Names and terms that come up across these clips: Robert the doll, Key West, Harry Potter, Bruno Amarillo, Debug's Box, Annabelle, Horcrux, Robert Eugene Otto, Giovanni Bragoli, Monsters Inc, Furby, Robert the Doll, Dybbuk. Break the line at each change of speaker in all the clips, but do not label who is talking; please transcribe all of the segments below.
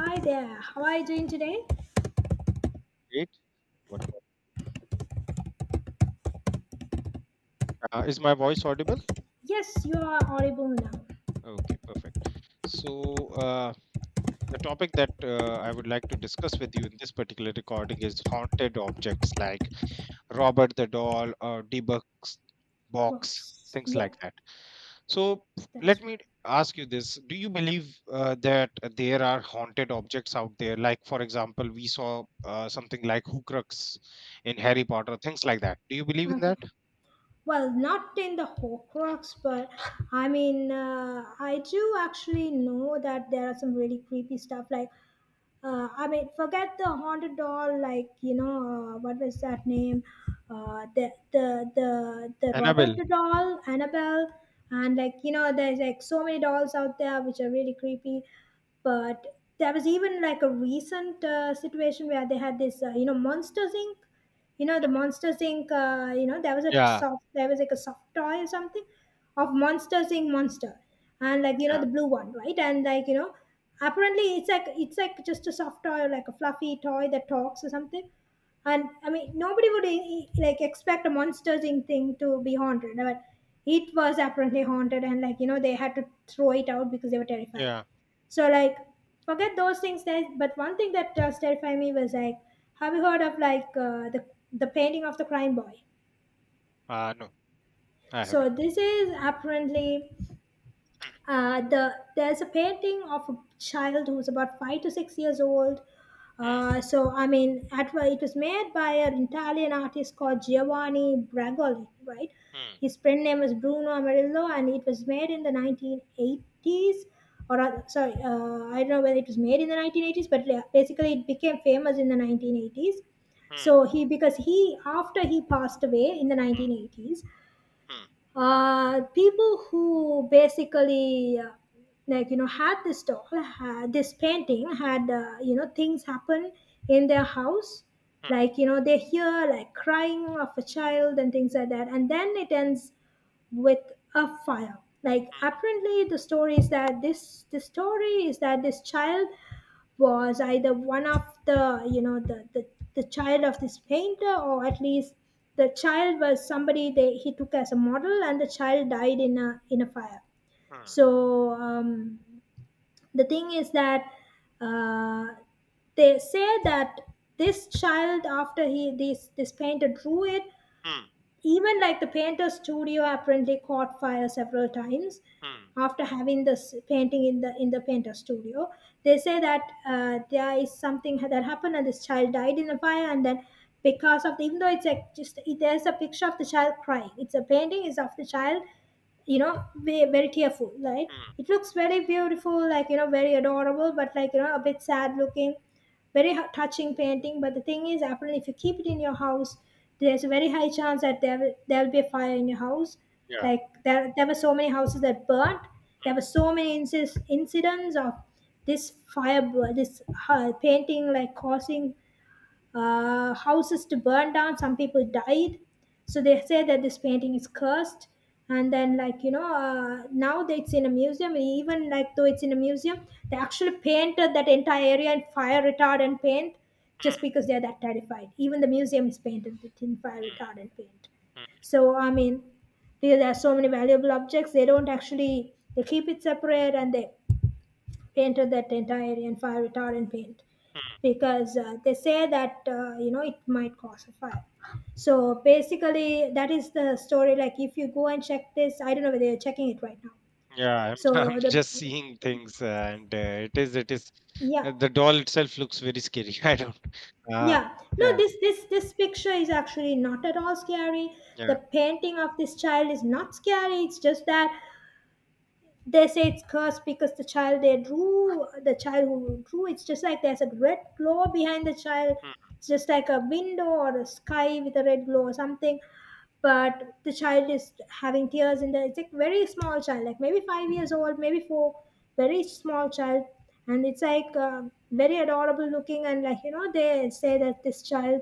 Hi there. How are you doing today?
Great. What about? Is my voice audible?
Yes, you are audible now.
Okay, perfect. So, the topic that I would like to discuss with you in this particular recording is haunted objects like Robert the Doll or Debug's Box,
Box.
things
Yeah,
like that. So, let
that's right.
me ask you this. Do you believe that there are haunted objects out there? Like, for example, we saw something like Horcrux in Harry Potter, things like that. Do you believe in
Okay.
that?
Well, not in the Horcrux, but I mean, I do actually know that there are some really creepy stuff. Like, I mean, forget the haunted doll. Like, you know, what was that name? The Robert
Annabelle.
the doll, Annabelle, and like, you know, there's like so many dolls out there which are really creepy, but there was even like a recent situation where they had this, you know, Monsters Inc. You know, the Monsters Inc, you know, there was a
Yeah.
soft there was like a soft toy or something of Monsters Inc monster, and like, you know,
Yeah.
the blue one, right? And like, you know, apparently it's like, it's like just a soft toy or like a fluffy toy that talks or something. And I mean, nobody would like expect a Monsters Inc thing to be haunted, but it was apparently haunted, and like, you know, they had to throw it out because they were terrified.
Yeah.
So like, forget those things, that but one thing that terrified me was like, have you heard of like, the painting of the crime boy?
No. I haven't.
So this is apparently, there's a painting of a child who's about 5 to 6 years old.
Hmm.
So I mean, well, it was made by an Italian artist called Giovanni Bragoli, right?
Hmm.
His friend name was Bruno Amarillo, and it was made in the 1980s, sorry, I don't know whether it was made in the 1980s, but yeah, basically it became famous in the 1980s.
Hmm.
So he because he, after he passed away in the 1980s,
Hmm.
people who basically, like you know, had this painting, had, you know, things happen in their house,
Hmm. Hmm.
like you know, they hear like crying of a child and things like that, and then it ends with a fire. Like apparently the story is that this, child was either one of the, you know, the child of this painter, or at least the child was somebody they he took as a model, and the child died in a fire.
Hmm.
So the thing is that, uh, they say that this child, after he this painter drew it.
Hmm.
Even like the painter's studio apparently caught fire several times
Hmm.
after having this painting in the painter studio. They say that, there is something that happened and this child died in a fire, and then, because of the even though it's like just, there's a picture of the child crying, it's a painting, is of the child, you know, be very tearful, right?
Mm.
It looks very beautiful, like you know, very adorable, but like you know, a bit sad looking, very touching painting. But the thing is, apparently if you keep it in your house, there's a very high chance that there will be a fire in your house.
Yeah.
Like there were so many houses that burnt, there
Hmm.
were so many incidents of this painting like causing, houses to burn down. Some people died, so they say that this painting is cursed. And then like you know, now that it's in a museum, even like though it's in a museum, they actually painted that entire area in fire retardant paint, just
Hmm.
because they're that terrified. Even the museum is painted with, in fire
Hmm.
retardant paint.
Hmm.
So I mean, because there are so many valuable objects, they don't actually, they keep it separate and they painted that entire area in fire retardant paint,
Mm.
because, they say that, you know, it might cause a fire. So basically that is the story. Like if you go and check this, I don't know whether you're checking it right now.
Yeah, I'm,
So
I'm
the
just seeing things, and it is,
Yeah.
the doll itself looks very scary. I don't, uh,
Yeah,
yeah,
no, this picture is actually not at all scary. The
yeah,
painting of this child is not scary, it's just that they say it's cursed because the child, they drew the child who drew It's just like there's a red glow behind the child.
mm,
It's just like a window or a sky with a red glow or something, but the child is having tears in the, it's like very small child, like maybe 5 years old, maybe four. Very small child, and it's like, very adorable looking, and like you know, they say that this child,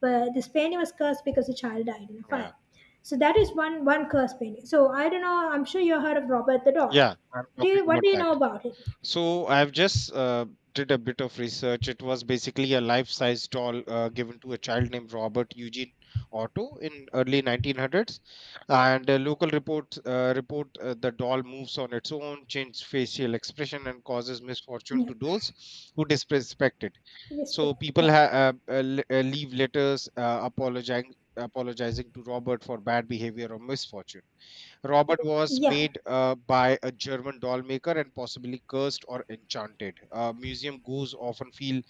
but this painting was cursed because the child died in a
yeah,
fire. So that is one curse painting. So I don't know, I'm sure you heard of Robert the doll.
yeah, I'm talking
What
about
do you
that.
know about it?
So I've just did a bit of research. It was basically a life-size doll given to a child named Robert Eugene Otto in early 1900s, and a local report, the doll moves on its own, changes facial expression, and causes misfortune
Yeah,
to those who disrespect it.
this.
So people
Yeah.
ha- uh, uh, le- uh, leave letters apologizing to Robert for bad behavior or misfortune. Robert was
Yeah.
made by a German doll maker and possibly cursed or enchanted. Museum goes often feel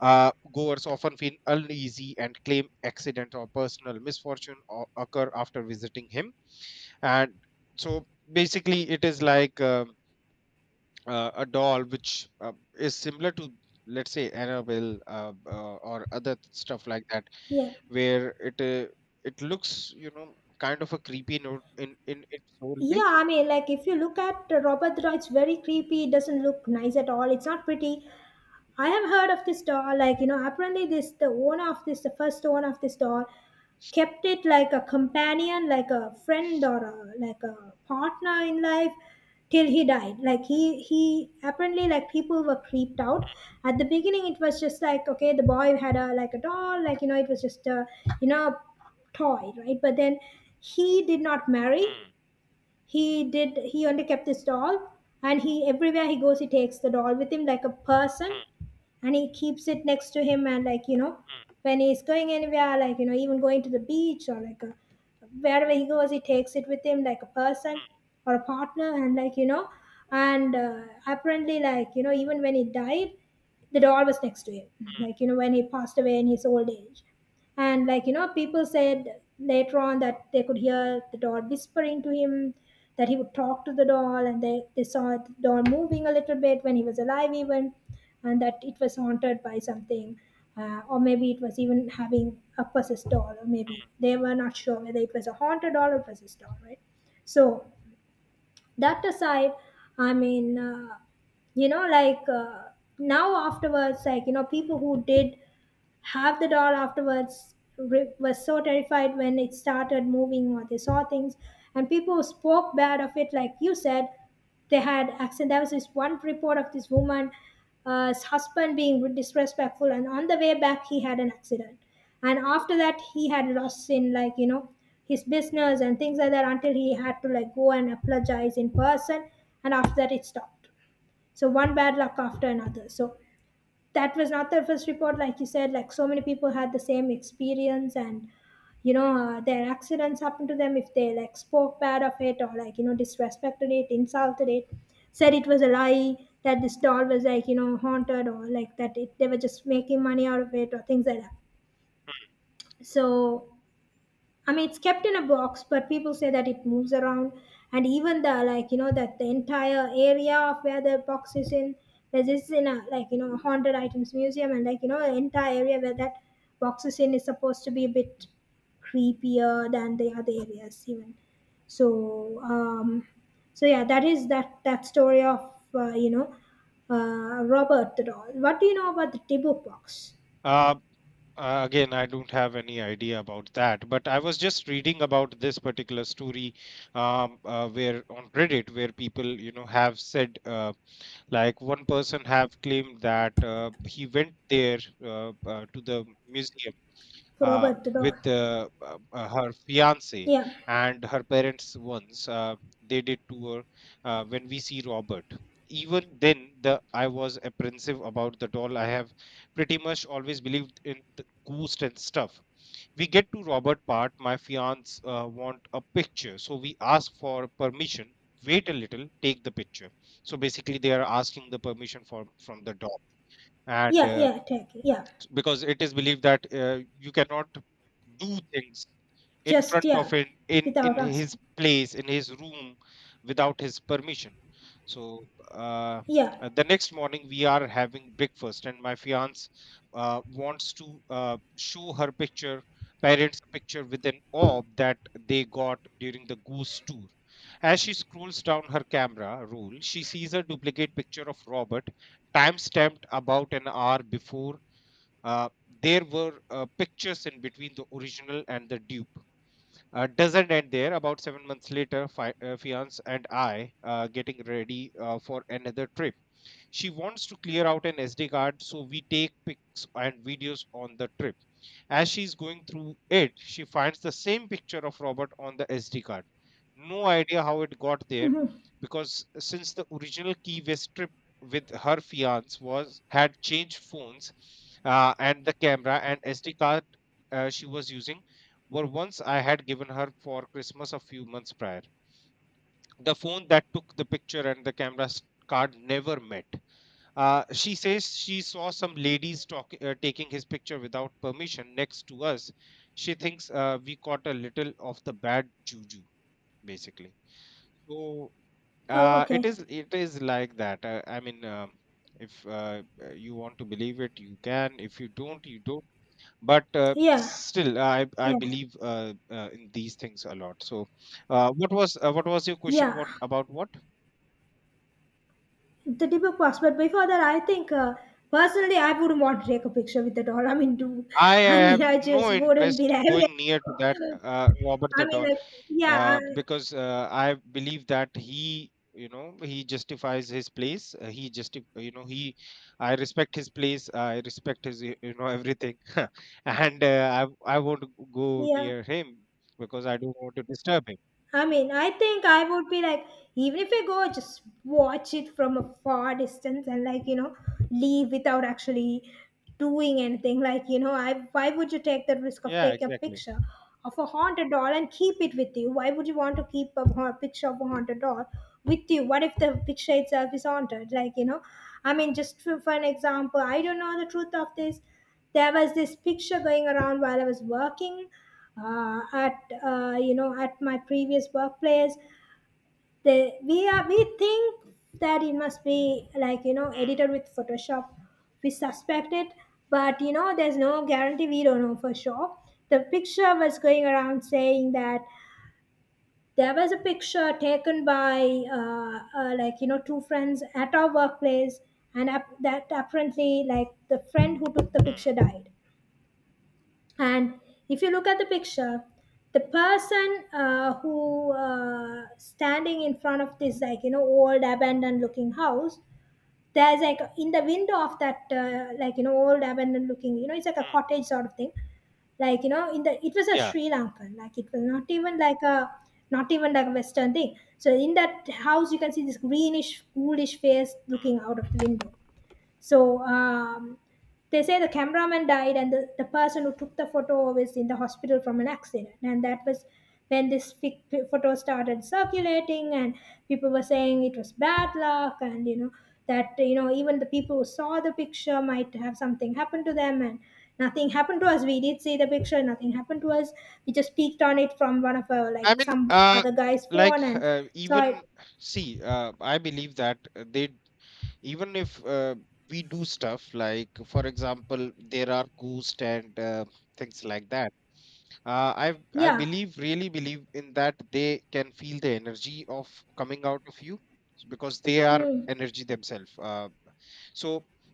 Goers often feel uneasy and claim accident or personal misfortune or occur after visiting him. And so basically, it is like a doll which is similar to, let's say, Annabelle or other stuff like that,
Yeah.
where it it looks, you know, kind of a creepy note in its whole way.
Yeah, I mean, like if you look at Robert Draw, it's very creepy. It doesn't look nice at all. It's not pretty. I have heard of this doll. Like you know, apparently this, the owner of this, the first owner of this doll, kept it like a companion, like a friend, or a, like a partner in life till he died. Like he apparently, like people were creeped out. At the beginning, it was just like, okay, the boy had a, like a doll, like you know, it was just a, you know, toy, right? But then he did not marry, he only kept this doll, and he everywhere he goes, he takes the doll with him like a person, and he keeps it next to him, and like you know, when he's going anywhere, like you know, even going to the beach or like a, wherever he goes, he takes it with him like a person or a partner. And like you know, and, apparently like you know, even when he died, the doll was next to him. Like you know, when he passed away in his old age, and like you know, people said later on that they could hear the doll whispering to him, that he would talk to the doll, and they saw the doll moving a little bit when he was alive even, and that it was haunted by something, or maybe it was even having a possessed doll, or maybe they were not sure whether it was a haunted doll or possessed doll, right? So that aside, I mean, you know, like, now afterwards, like you know, people who did half the doll afterwards was so terrified when it started moving or they saw things, and people spoke bad of it. Like you said, they had accent, there was this one report of this woman, his husband being disrespectful, and on the way back he had an accident, and after that he had lost in like you know, his business and things like that, until he had to like go and apologize in person, and after that it stopped. So one bad luck after another. So that was not the first report, like you said, like so many people had the same experience. And you know, their accidents happened to them if they like spoke bad of it, or like you know, disrespected it, insulted it, said it was a lie, that this doll was like you know haunted, or like that it, they were just making money out of it, or things like that. So I mean, it's kept in a box, but people say that it moves around, and even the, like you know, that the entire area of where the box is in, like this is in a, like you know, haunted items museum, and like you know, the entire area where that box is in is supposed to be a bit creepier than the other areas even. So so yeah, that is that story of, you know, Robert the doll. What do you know about the Tibu box?
Uh, Again, I don't have any idea about that, but I was just reading about this particular story, where on Reddit, where people, you know, have said, like one person have claimed that he went there to the museum
For Robert the doll?
with the, her fiance
Yeah,
and her parents once. They did tour when we see Robert. Even then, the I was apprehensive about the doll. I have pretty much always believed in the ghost and stuff. We get to Robert part, my fiance want a picture, so we ask for permission, wait a little, take the picture. So basically they are asking the permission for from the doll. And
yeah, yeah, Turkey, yeah.
Because it is believed that you cannot do things in
Just
front of
yeah,
him,
without
in his
asking.
place, in his room, without his permission. So, uh,
Yeah.
the next morning we are having breakfast and my fiance wants to show her picture parents a picture with an orb that they got during the ghost tour. As she scrolls down her camera roll, she sees a duplicate picture of Robert, time stamped about an hour before. uh, there were pictures in between the original and the dupe. Doesn't end there. About 7 months later, fiance and I getting ready for another trip. She wants to clear out an SD card, so we take pics and videos on the trip. As she's going through it, she finds the same picture of Robert on the SD card. No idea how it got there,
Hmm.
because since the original Key West trip with her fiance was had changed phones, and the camera and SD card she was using were once I had given her for Christmas a few months prior. The phone that took the picture and the card never met. She says she saw some ladies talk, taking his picture without permission next to us. She thinks we caught a little of the bad juju, basically. So
Oh,
it
okay.
is like that. I mean, um, if you want to believe it, you can. If you don't, you don't. But
Yeah,
still, I
yeah,
believe in these things a lot. So, what was your question?
yeah.
What about what?
The debug works, but before that, I think, personally, I wouldn't want to take a picture with it all. I mean, do
I
I
have
mean I just
no
wouldn't be
interest
there.
going near to that Robert
I
the
mean,
doll.
like, yeah,
uh,
I,
because uh, I believe that he, you know, he justifies his place. He just, you know, he, I respect his place. I respect you know, everything, and I won't go
yeah.
near him, because I don't want to disturb him.
I mean, I think I would be like, even if I go, just watch it from a far distance and like, you know, leave without actually doing anything. Like, you know, I, why would you take the risk of
Yeah,
taking a
exactly.
picture of a haunted doll and keep it with you? Why would you want to keep a picture of a haunted doll with you? What if the picture itself is haunted? Like, you know, I mean, just for an example, I don't know the truth of this. There was this picture going around while I was working at you know at my previous workplace. They we are we think that it must be like
Hmm.
edited with Photoshop. We suspect it, but there's no guarantee. We don't know for sure. The picture was going around saying that there was a picture taken by like two friends at our workplace, and ap- that apparently like the friend who took the picture
Hmm.
died. And if you look at the picture, the person who standing in front of this like old abandoned looking house, there's like in the window of that like old abandoned looking, it's like a
Hmm.
cottage sort of thing. Like in the it was a
Yeah.
Sri Lankan, like it was not even like a Western thing. So in that house you can see this greenish coolish face
Hmm.
looking out of the window. So they say the cameraman died, and the person who took the photo was in the hospital from an accident. And that was when this photo started circulating, and people were saying it was bad luck, and that even the people who saw the picture might have something happen to them, and nothing happened to us. We did see the picture, nothing happened to us. We just peeked on it from one of our
I
like
mean,
some other guy's
like
phone and saw it.
even See, I believe that they, even if we do stuff, like, for example, there are ghosts and things like that, I
Yeah.
believe, really believe in that they can feel the energy of coming out of you, because they are
Mm.
energy themselves. So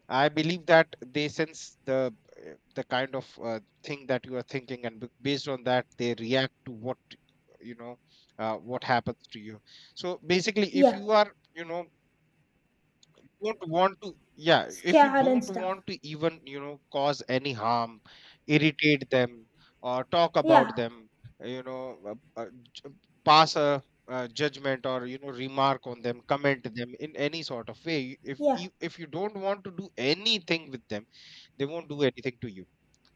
I believe that they sense the kind of thing that you are thinking, and based on that they react to what, you know, what happens to you. So basically, if
Yeah,
you are, you know, don't want to yeah if you
scared and
don't
stuff.
want to even, you know, cause any harm, irritate them or talk
Yeah.
about them, you know, uh, uh, j- pass a judgment, or, you know, remark on them, comment them in any sort of way, if
Yeah,
you, if you don't want to do anything with them, they won't do anything to you.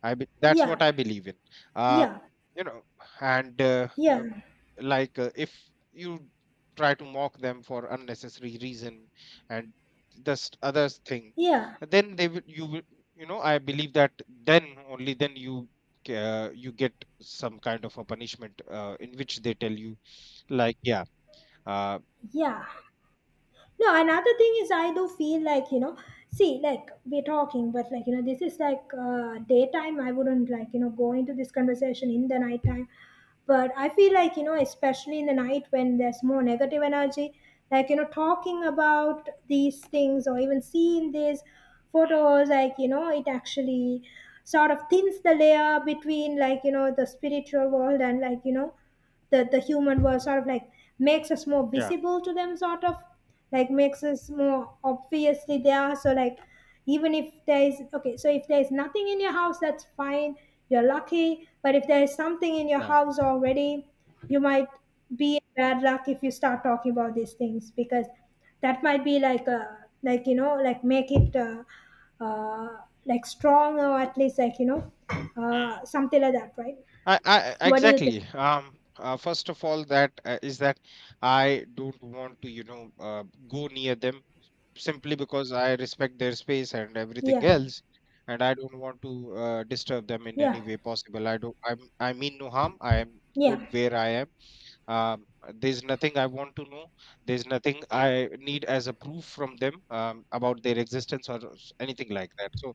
That's what
yeah,
I believe in. Uh,
yeah,
you know, and
yeah,
like, if you try to mock them for unnecessary reason, and this other thing,
yeah,
then they will you will, you know, I believe that then, only then, ca- you get some kind of a punishment in which they tell you, like, yeah, uh,
yeah. No, another thing is I do feel like, see, like we're talking, but like, this is like daytime. I wouldn't like, go into this conversation in the nighttime. But I feel like, especially in the night when there's more negative energy, like, talking about these things or even seeing these photos, like, it actually sort of thins the layer between like, the spiritual world and like, that the human world, sort of like makes us more
yeah,
visible to them, sort of like makes us more obviously there. So like, even if there is, okay, so if there is nothing in your house, that's fine, you're lucky. But if there is something in your
yeah.
house already, you might be in bad luck if you start talking about these things, because that might be like a, like like make it uh, like strong, or at least like
Hmm.
something like that, right? What do you think?
Exactly. First of all, that is that I don't want to, you know, go near them, simply because I respect their space and everything
Yeah,
else, and I don't want to disturb them in
yeah.
any way possible. I don't. I mean no harm. I am
Yeah,
good where I am. Um, there's nothing I want to know. There's nothing I need as a proof from them, about their existence anything like that. So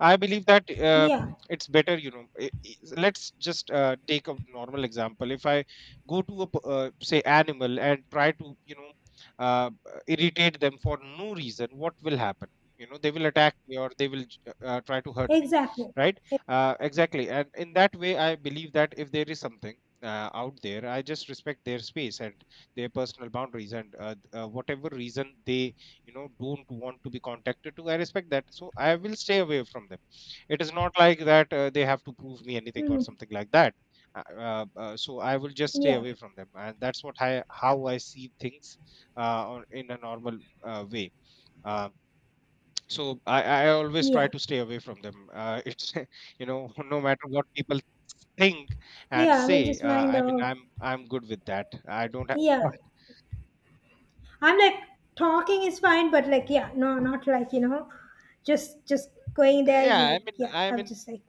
I believe that
yeah,
it's better, you know. Let's just take a normal example. If I go to say animal and try to, you know, irritate them for no reason, what will happen? You know, they will attack me, or they will try to hurt me,
exactly.
right? Exactly. And in that way, I believe that if there is something out there, I just respect their space and their personal boundaries, and whatever reason they, you know, don't want to be contacted to, I respect that, so I will stay away from them. It is not like that they have to prove me anything or
Mm,
something like that. So I will just stay
yeah,
away from them, and that's what I how I see things, in a normal uh, way uh, so I, I always try
yeah,
to stay away from them. It's you know, no matter what people think and
yeah. I mean,
say,
just
uh,
mind
i mean
of,
i'm i'm good with that. I don't have
yeah. I'm like, talking is fine, but like, yeah, no, not like just going there is
yeah i
like,
mean
yeah.
i
I'm
mean
just like,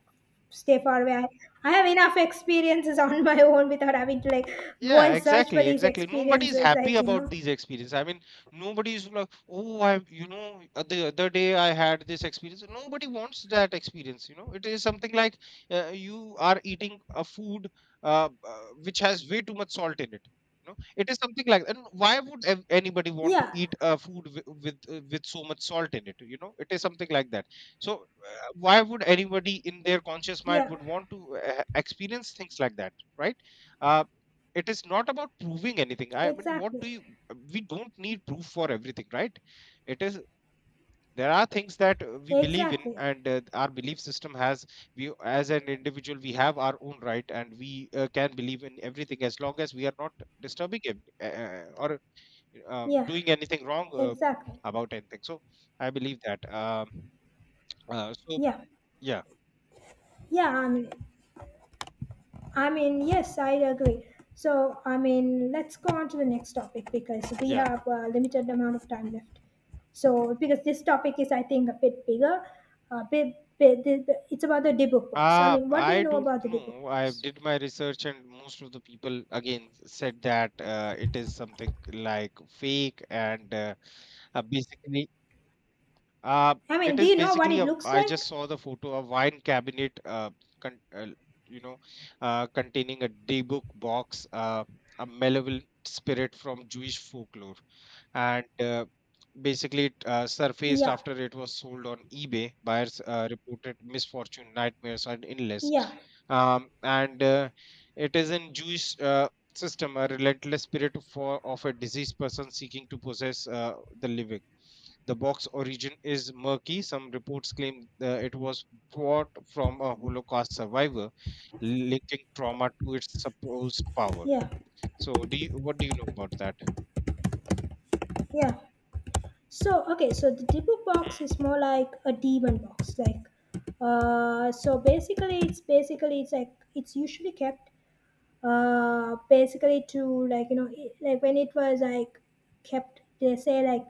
stay far away. I have enough experiences on my own without having to like go
Yeah,
and search for
exactly,
these
exactly. Nobody's
experiences.
happy
Like
about these experiences. I mean, nobody's like, oh, I, you know, the other day I had this experience. Nobody wants that experience. You know, it is something like, you are eating a food which has way too much salt in it. You know, it is something like. And why would anybody want to
yeah,
eat a food with with so much salt in it? You know, it is something like that. So, why would anybody in their conscious mind
yeah,
would want to experience things like that, right? Uh, it is not about proving anything. I mean what
exactly,
do you We don't need proof for everything, right? it is There are things that we believe in,
exactly,
and our belief system has, we as an individual, we have our own right, and we can believe in everything as long as we are not disturbing him, or
yeah,
doing anything wrong
exactly,
about anything. So I believe that, uh, so
yeah,
yeah,
yeah. I mean, yes, I agree. So, I mean, let's go on to the next topic because we
yeah.
have a limited amount of time left. So, because this topic is, I think, a bit bigger, a bit, bit bit- it's about the D-Book box. I mean, what do you
I
know
don't
about the D-Book
know. I
box?
did my research, and most of the people again said that it is something like fake, and basically uh,
I mean,
it
do
is
you know what
basically
it
a.
looks
I
like?
just saw the photo, a wine cabinet. Con, uh, you know, containing a D-book box. A malevolent spirit from Jewish folklore, and basically it surfaced
Yeah,
after it was sold on eBay. Buyers reported misfortune, nightmares, and illness.
yeah,
And it is in Jewish system, a relentless spirit for of a deceased person seeking to possess the living. The box origin is murky. Some reports claim it was bought from a Holocaust survivor, linking trauma to its supposed power.
yeah,
So, what do you know about that?
yeah. So, okay, so the Dibu box
Hmm,
is more like a demon box, like so basically it's like it's usually kept, basically to like like, when it was like kept, they say like,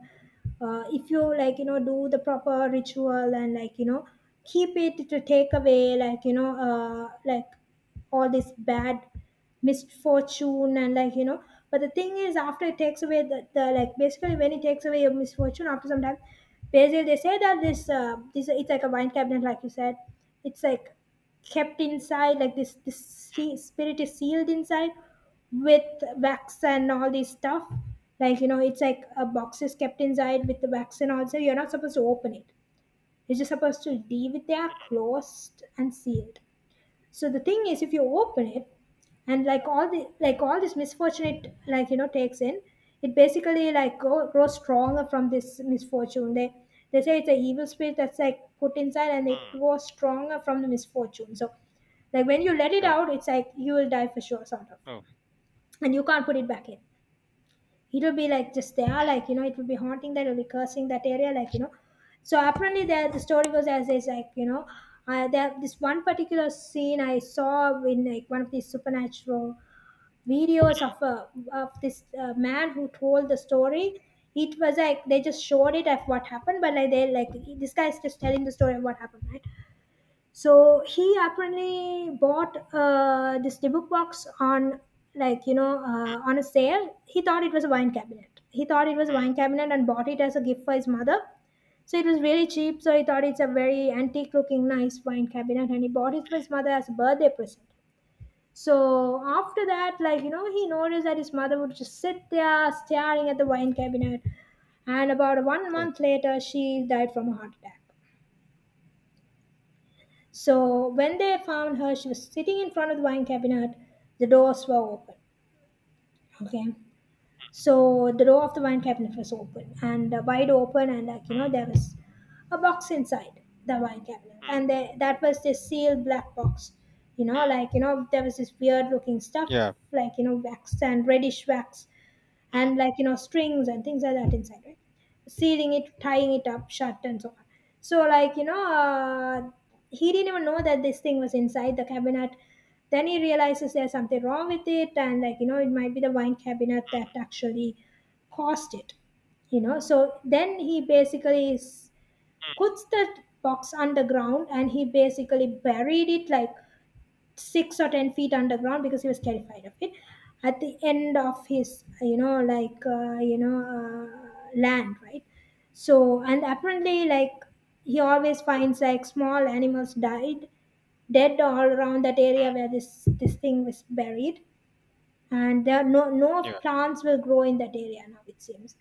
if you like do the proper ritual and like keep it to take away like like all this bad misfortune, and like but the thing is, after it takes away the like, basically when it takes away your misfortune after some time, basically they say that this it's like a wine cabinet, like you said. It's like kept inside, like this this
hmm,
se- spirit is sealed inside with wax and all this stuff, like it's like a box is kept inside with the wax. And also you're not supposed to open it, you're just supposed to leave it there closed and sealed. So the thing is, if you open it and like all the like all this misfortune, it like takes in. It basically like grows stronger from this misfortune. They say it's an evil spirit that's like put inside, and it
hmm.
grows stronger from the misfortune. So like when you let it
Oh,
out, it's like you will die for sure, sort of,
oh,
and you can't put it back in. It will be like just there, like it will be haunting that, it will be cursing that area, like so apparently, there the story goes as is, like there this one particular scene I saw in like one of these supernatural videos
hmm,
of a of this man who told the story. It was like they just showed it of what happened, but like they like this guy is just telling the story of what happened, right? So he apparently bought this book box on like you know on a sale. He thought it was a wine cabinet. He thought it was a
hmm,
wine cabinet and bought it as a gift for his mother. So it was really cheap, so he thought it's a very antique looking nice wine cabinet, and he bought it for his mother as a birthday present. So after that, like he noticed that his mother would just sit there staring at the wine cabinet, and about one
oh,
month later she died from a heart attack. So when they found her, she was sitting in front of the wine cabinet. The doors were open. Okay, so the door of the wine cabinet was open and wide open, and like
hmm,
there was a box inside the wine cabinet,
hmm,
and that was this sealed black box.
hmm.
Like there was this weird looking stuff,
Yeah,
like wax and reddish wax,
hmm,
and like strings and things like that inside, right? Sealing it, tying it up shut, and so on. So like he didn't even know that this thing was inside the cabinet. Then he realizes there's something wrong with it, and like it might be the wine cabinet that actually caused it. So then he basically
hmm,
puts the box underground, and he basically buried it like 6 or 10 feet underground because he was terrified of it. At the end of his, like land, right? So and apparently, like he always finds like small animals died dead all around that area
hmm,
where this thing was buried, and there are no
yeah,
plants will grow in that area now, it seems.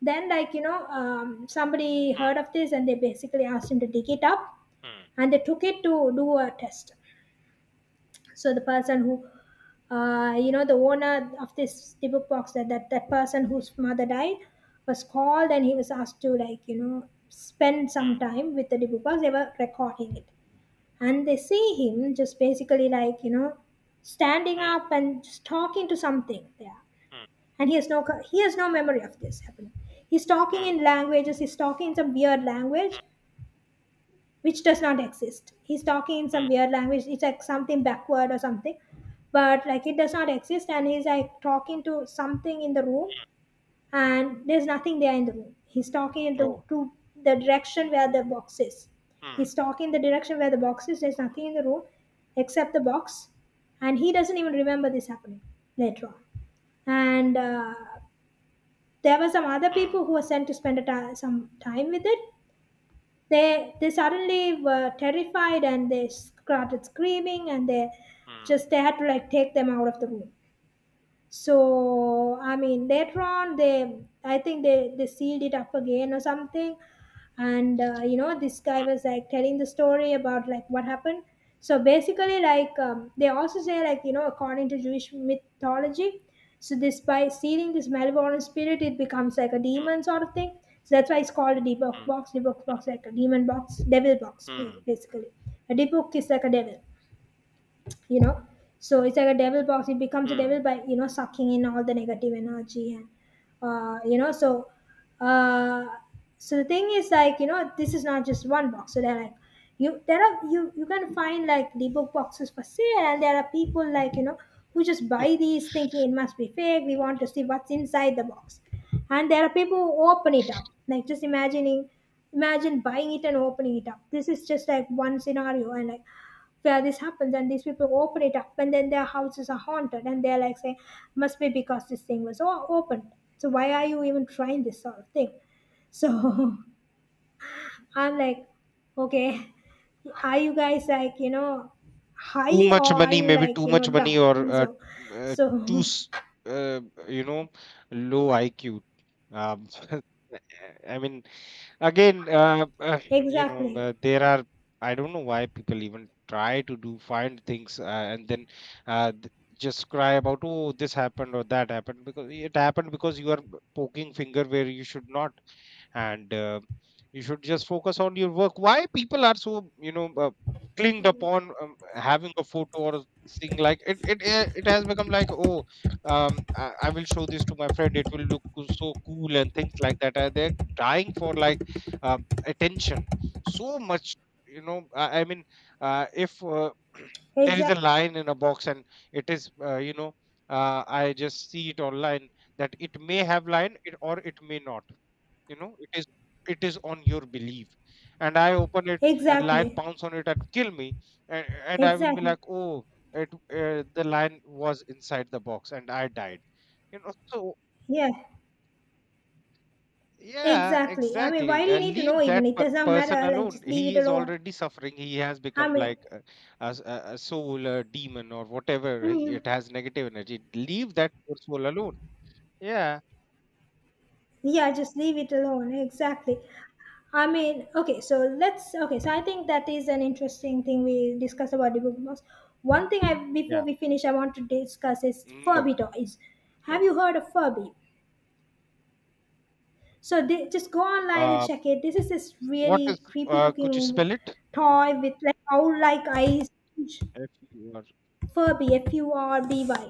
Then like somebody
hmm,
heard of this and they basically asked him to dig it up,
hmm,
and they took it to do a test. So the person who, the owner of this the book box, that person whose mother died, was called, and he was asked to like spend some
hmm,
time with the book box. They were recording it, and they see him just basically like standing
hmm,
up and just talking to something there,
hmm,
and he has no memory of this happening. He's talking
hmm,
in languages, he's talking in some weird language which does not exist. He's talking in some
hmm.
weird language. It's like something backward or something, but like it does not exist. And he's like talking to something in the room, and there's nothing there in the room. He's talking in the
Oh,
to the direction where the box is.
hmm,
He's talking the direction where the box is. There's nothing in the room except the box, and he doesn't even remember this happening later on. And There were some other
hmm,
people who were sent to spend some time with it. They suddenly were terrified and they started screaming, and they
hmm,
just they had to like take them out of the room. So I mean, later on they I think they sealed it up again or something. And you know, this guy was like telling the story about like what happened. So basically, like, they also say, like, you know, according to Jewish mythology. So this, by sealing this malevolent spirit, it becomes like a demon
hmm,
sort of thing. So that's why it's called a debug box, debug box, like a demon box, devil box,
hmm,
basically. A debug is like a devil, you know. So it's like a devil box. It becomes a
hmm, hmm.
devil by, you know, sucking in all the negative energy and you know, so uh, so the thing is, like, you know, this is not just one box. So they're like, you there are, you can find like the book boxes for sale. And there are people, like, you know, who just buy these thinking it must be fake, we want to see what's inside the box. And there are people who open it up, like, just imagining. Imagine buying it and opening it up, this is just like one scenario, and like where this happens and these people open it up and then their houses are haunted, and they're like saying, must be because this thing was opened. So why are you even trying this sort of thing? So I'm like, okay, are you guys, like, you know, high,
Too
or
much
are
money,
you,
maybe
like,
too
you know,
much money,
dumb?
or
And so
uh, too
so
uh, you know low iq. um, I mean, again
exactly.
there are, I don't know why people even try to do find things, uh, th- just cry about, oh, this happened or that happened, because it happened because you are poking finger where you should not. And You should just focus on your work. Why people are so, clinged upon having a photo or thing? Like it has become like, oh, I will show this to my friend, it will look so cool and things like that. They're dying for like attention so much. You know, I mean, if there is
Exactly.
a line in a box, and it is, I just see it online that it may have line it, or it may not. You know, it is, it is on your belief. And I open it and lion
Exactly.
pounce on it and kill me. And I will be
Exactly.
like, oh, it the lion was inside the box and I died. You know, so
Yeah.
yeah,
Exactly, I mean, why
exactly.
do you need to know?
Leave
Even
that
it doesn't
person
matter, like
alone.
just leave
He
it
is
alone.
already suffering. He has
I
become
mean.
like a soul, a demon, or whatever he-
Mm.
it has negative energy. Leave that poor soul alone. Yeah,
Yeah, just leave it alone. Exactly. I mean, okay, so let's okay, so I think that is an interesting thing we discuss about the book box. One thing I before
yeah.
we finish I want to discuss is
No,
Furby toys.
no.
Have you heard of Furby? So they, just go online and
uh
check it. This is this
what is,
really creepy
could you
looking
spell it?
toy with like owl like eyes.
F-U-R.
Furby, Furby.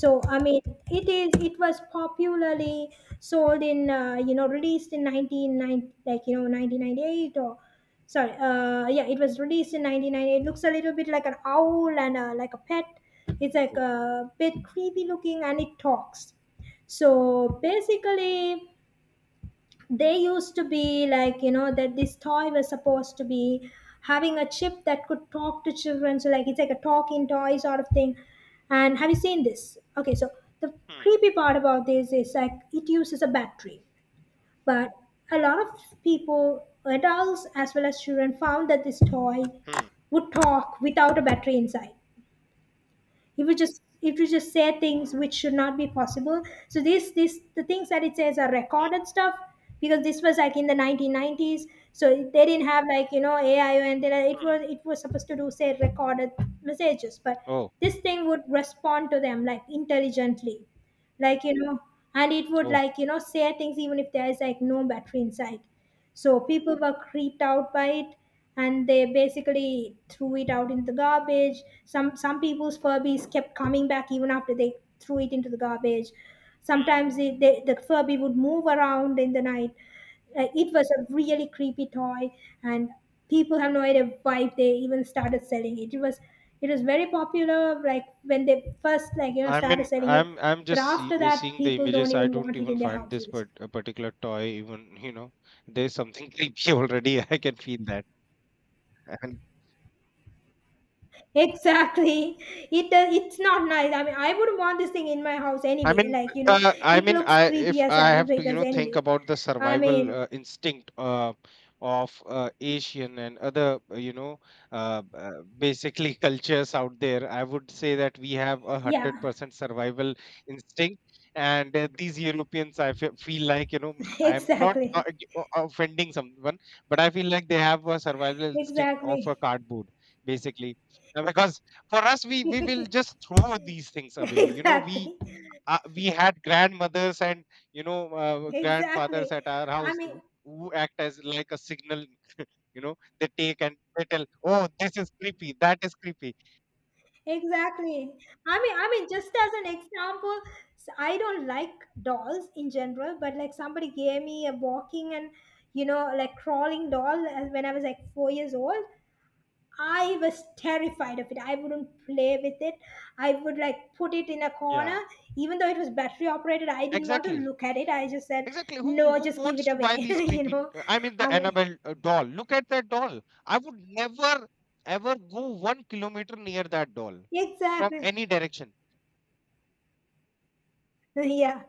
So I mean, it is it was popularly sold in you know, released in 1990, like you know 1998, or sorry yeah, it was released in 1998. It looks a little bit like an owl and like a pet. It's like
Oh.
a bit creepy looking and it talks. So basically, they used to be, like, you know, that this toy was supposed to be having a chip that could talk to children, so like it's like a talking toy sort of thing. And have you seen this? Okay, so the
Hmm,
creepy part about this is like it uses a battery, but a lot of people, adults as well as children, found that this toy
hmm,
would talk without a battery inside. It would just say things which should not be possible. So this, the things that it says are
hmm,
recorded stuff, because this was like in the 1990s. So they didn't have like, you know, AI or anything. It
hmm.
was it was supposed to do say recorded messages, but
Oh,
this thing would respond to them like intelligently, like, you know, and it would
oh.
like, you know, say things even if there is like no battery inside. So people were creeped out by it, and they basically threw it out into the garbage. Some people's Furbies kept coming back even after they threw it into the garbage.
Hmm.
Sometimes it, they, the Furby would move around in the night. It was a really creepy toy, and people have no idea why they even started selling it. It was very popular like when they first, like, you know,
I
started
mean,
selling it,
I'm
but
just
after that
seeing the
people don't
images. I
even
don't
want it
even
in their
find this
houses.
part a particular toy even, you know, there's something creepy already. I can feel that.
Exactly. It does, it's not nice. I mean, I wouldn't want this thing in my house anyway. Like, you know,
I
it
mean,
looks
I
creepy
if
as
I
hell
have to, you
because
know, think
anyway.
about the
I
survival
mean,
instinct of Asian and other, basically cultures out there, I would say that we have a hundred
yeah.
percent survival instinct. And these Europeans, I feel like, you know, I'm not
Exactly.
offending someone, but I feel like they have a survival instinct of a
Exactly.
cardboard, basically. Because for us, we will just throw these things away. You know,
Exactly.
we had grandmothers and
Exactly.
grandfathers at our
I
house
mean,
who act as like a signal you know, they take and they tell, oh, this is creepy, that is creepy.
exactly. I mean, just as an example, I don't like dolls in general, but like somebody gave me a walking and, you know, like crawling doll as when I was like 4 years old. I was terrified of it. I wouldn't play with it. I would like put it in a corner.
Yeah,
Even though it was battery operated, I didn't want to
exactly,
look at it. I just said,
exactly. who
no,
who
just give
wants
it
to buy
away.
these
You
creepy?
know,
I mean, the
I mean,
Annabelle doll, look at that doll. I would never ever go 1 kilometer near that doll from
exactly.
any direction.
Yeah.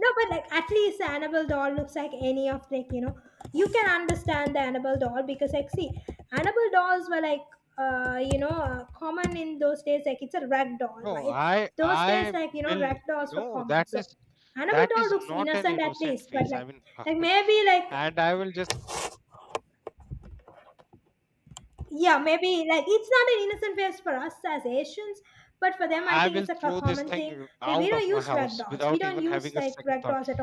No, but like at least the Annabelle doll looks like any of like, you know, you can understand the Annabelle doll because like, see, Annabelle dolls were like you know, common in those days, like it's a rag doll,
No,
right?
I
Those days,
I
like, you know,
will,
rag dolls were
no,
common,
that
so
is,
Annabelle
that
doll
is
looks
not an
innocent at
innocent
least, but
face. I
like
mean,
like maybe like,
and I will just,
yeah, maybe like it's not an innocent face for us as Asians, but for them I
I
think it's
will
a
throw this
common thing.
thing
We
out
don't
of my
use rag
house
dolls, we
without
don't
even
use
having a
like
second
rag
thought.
dolls at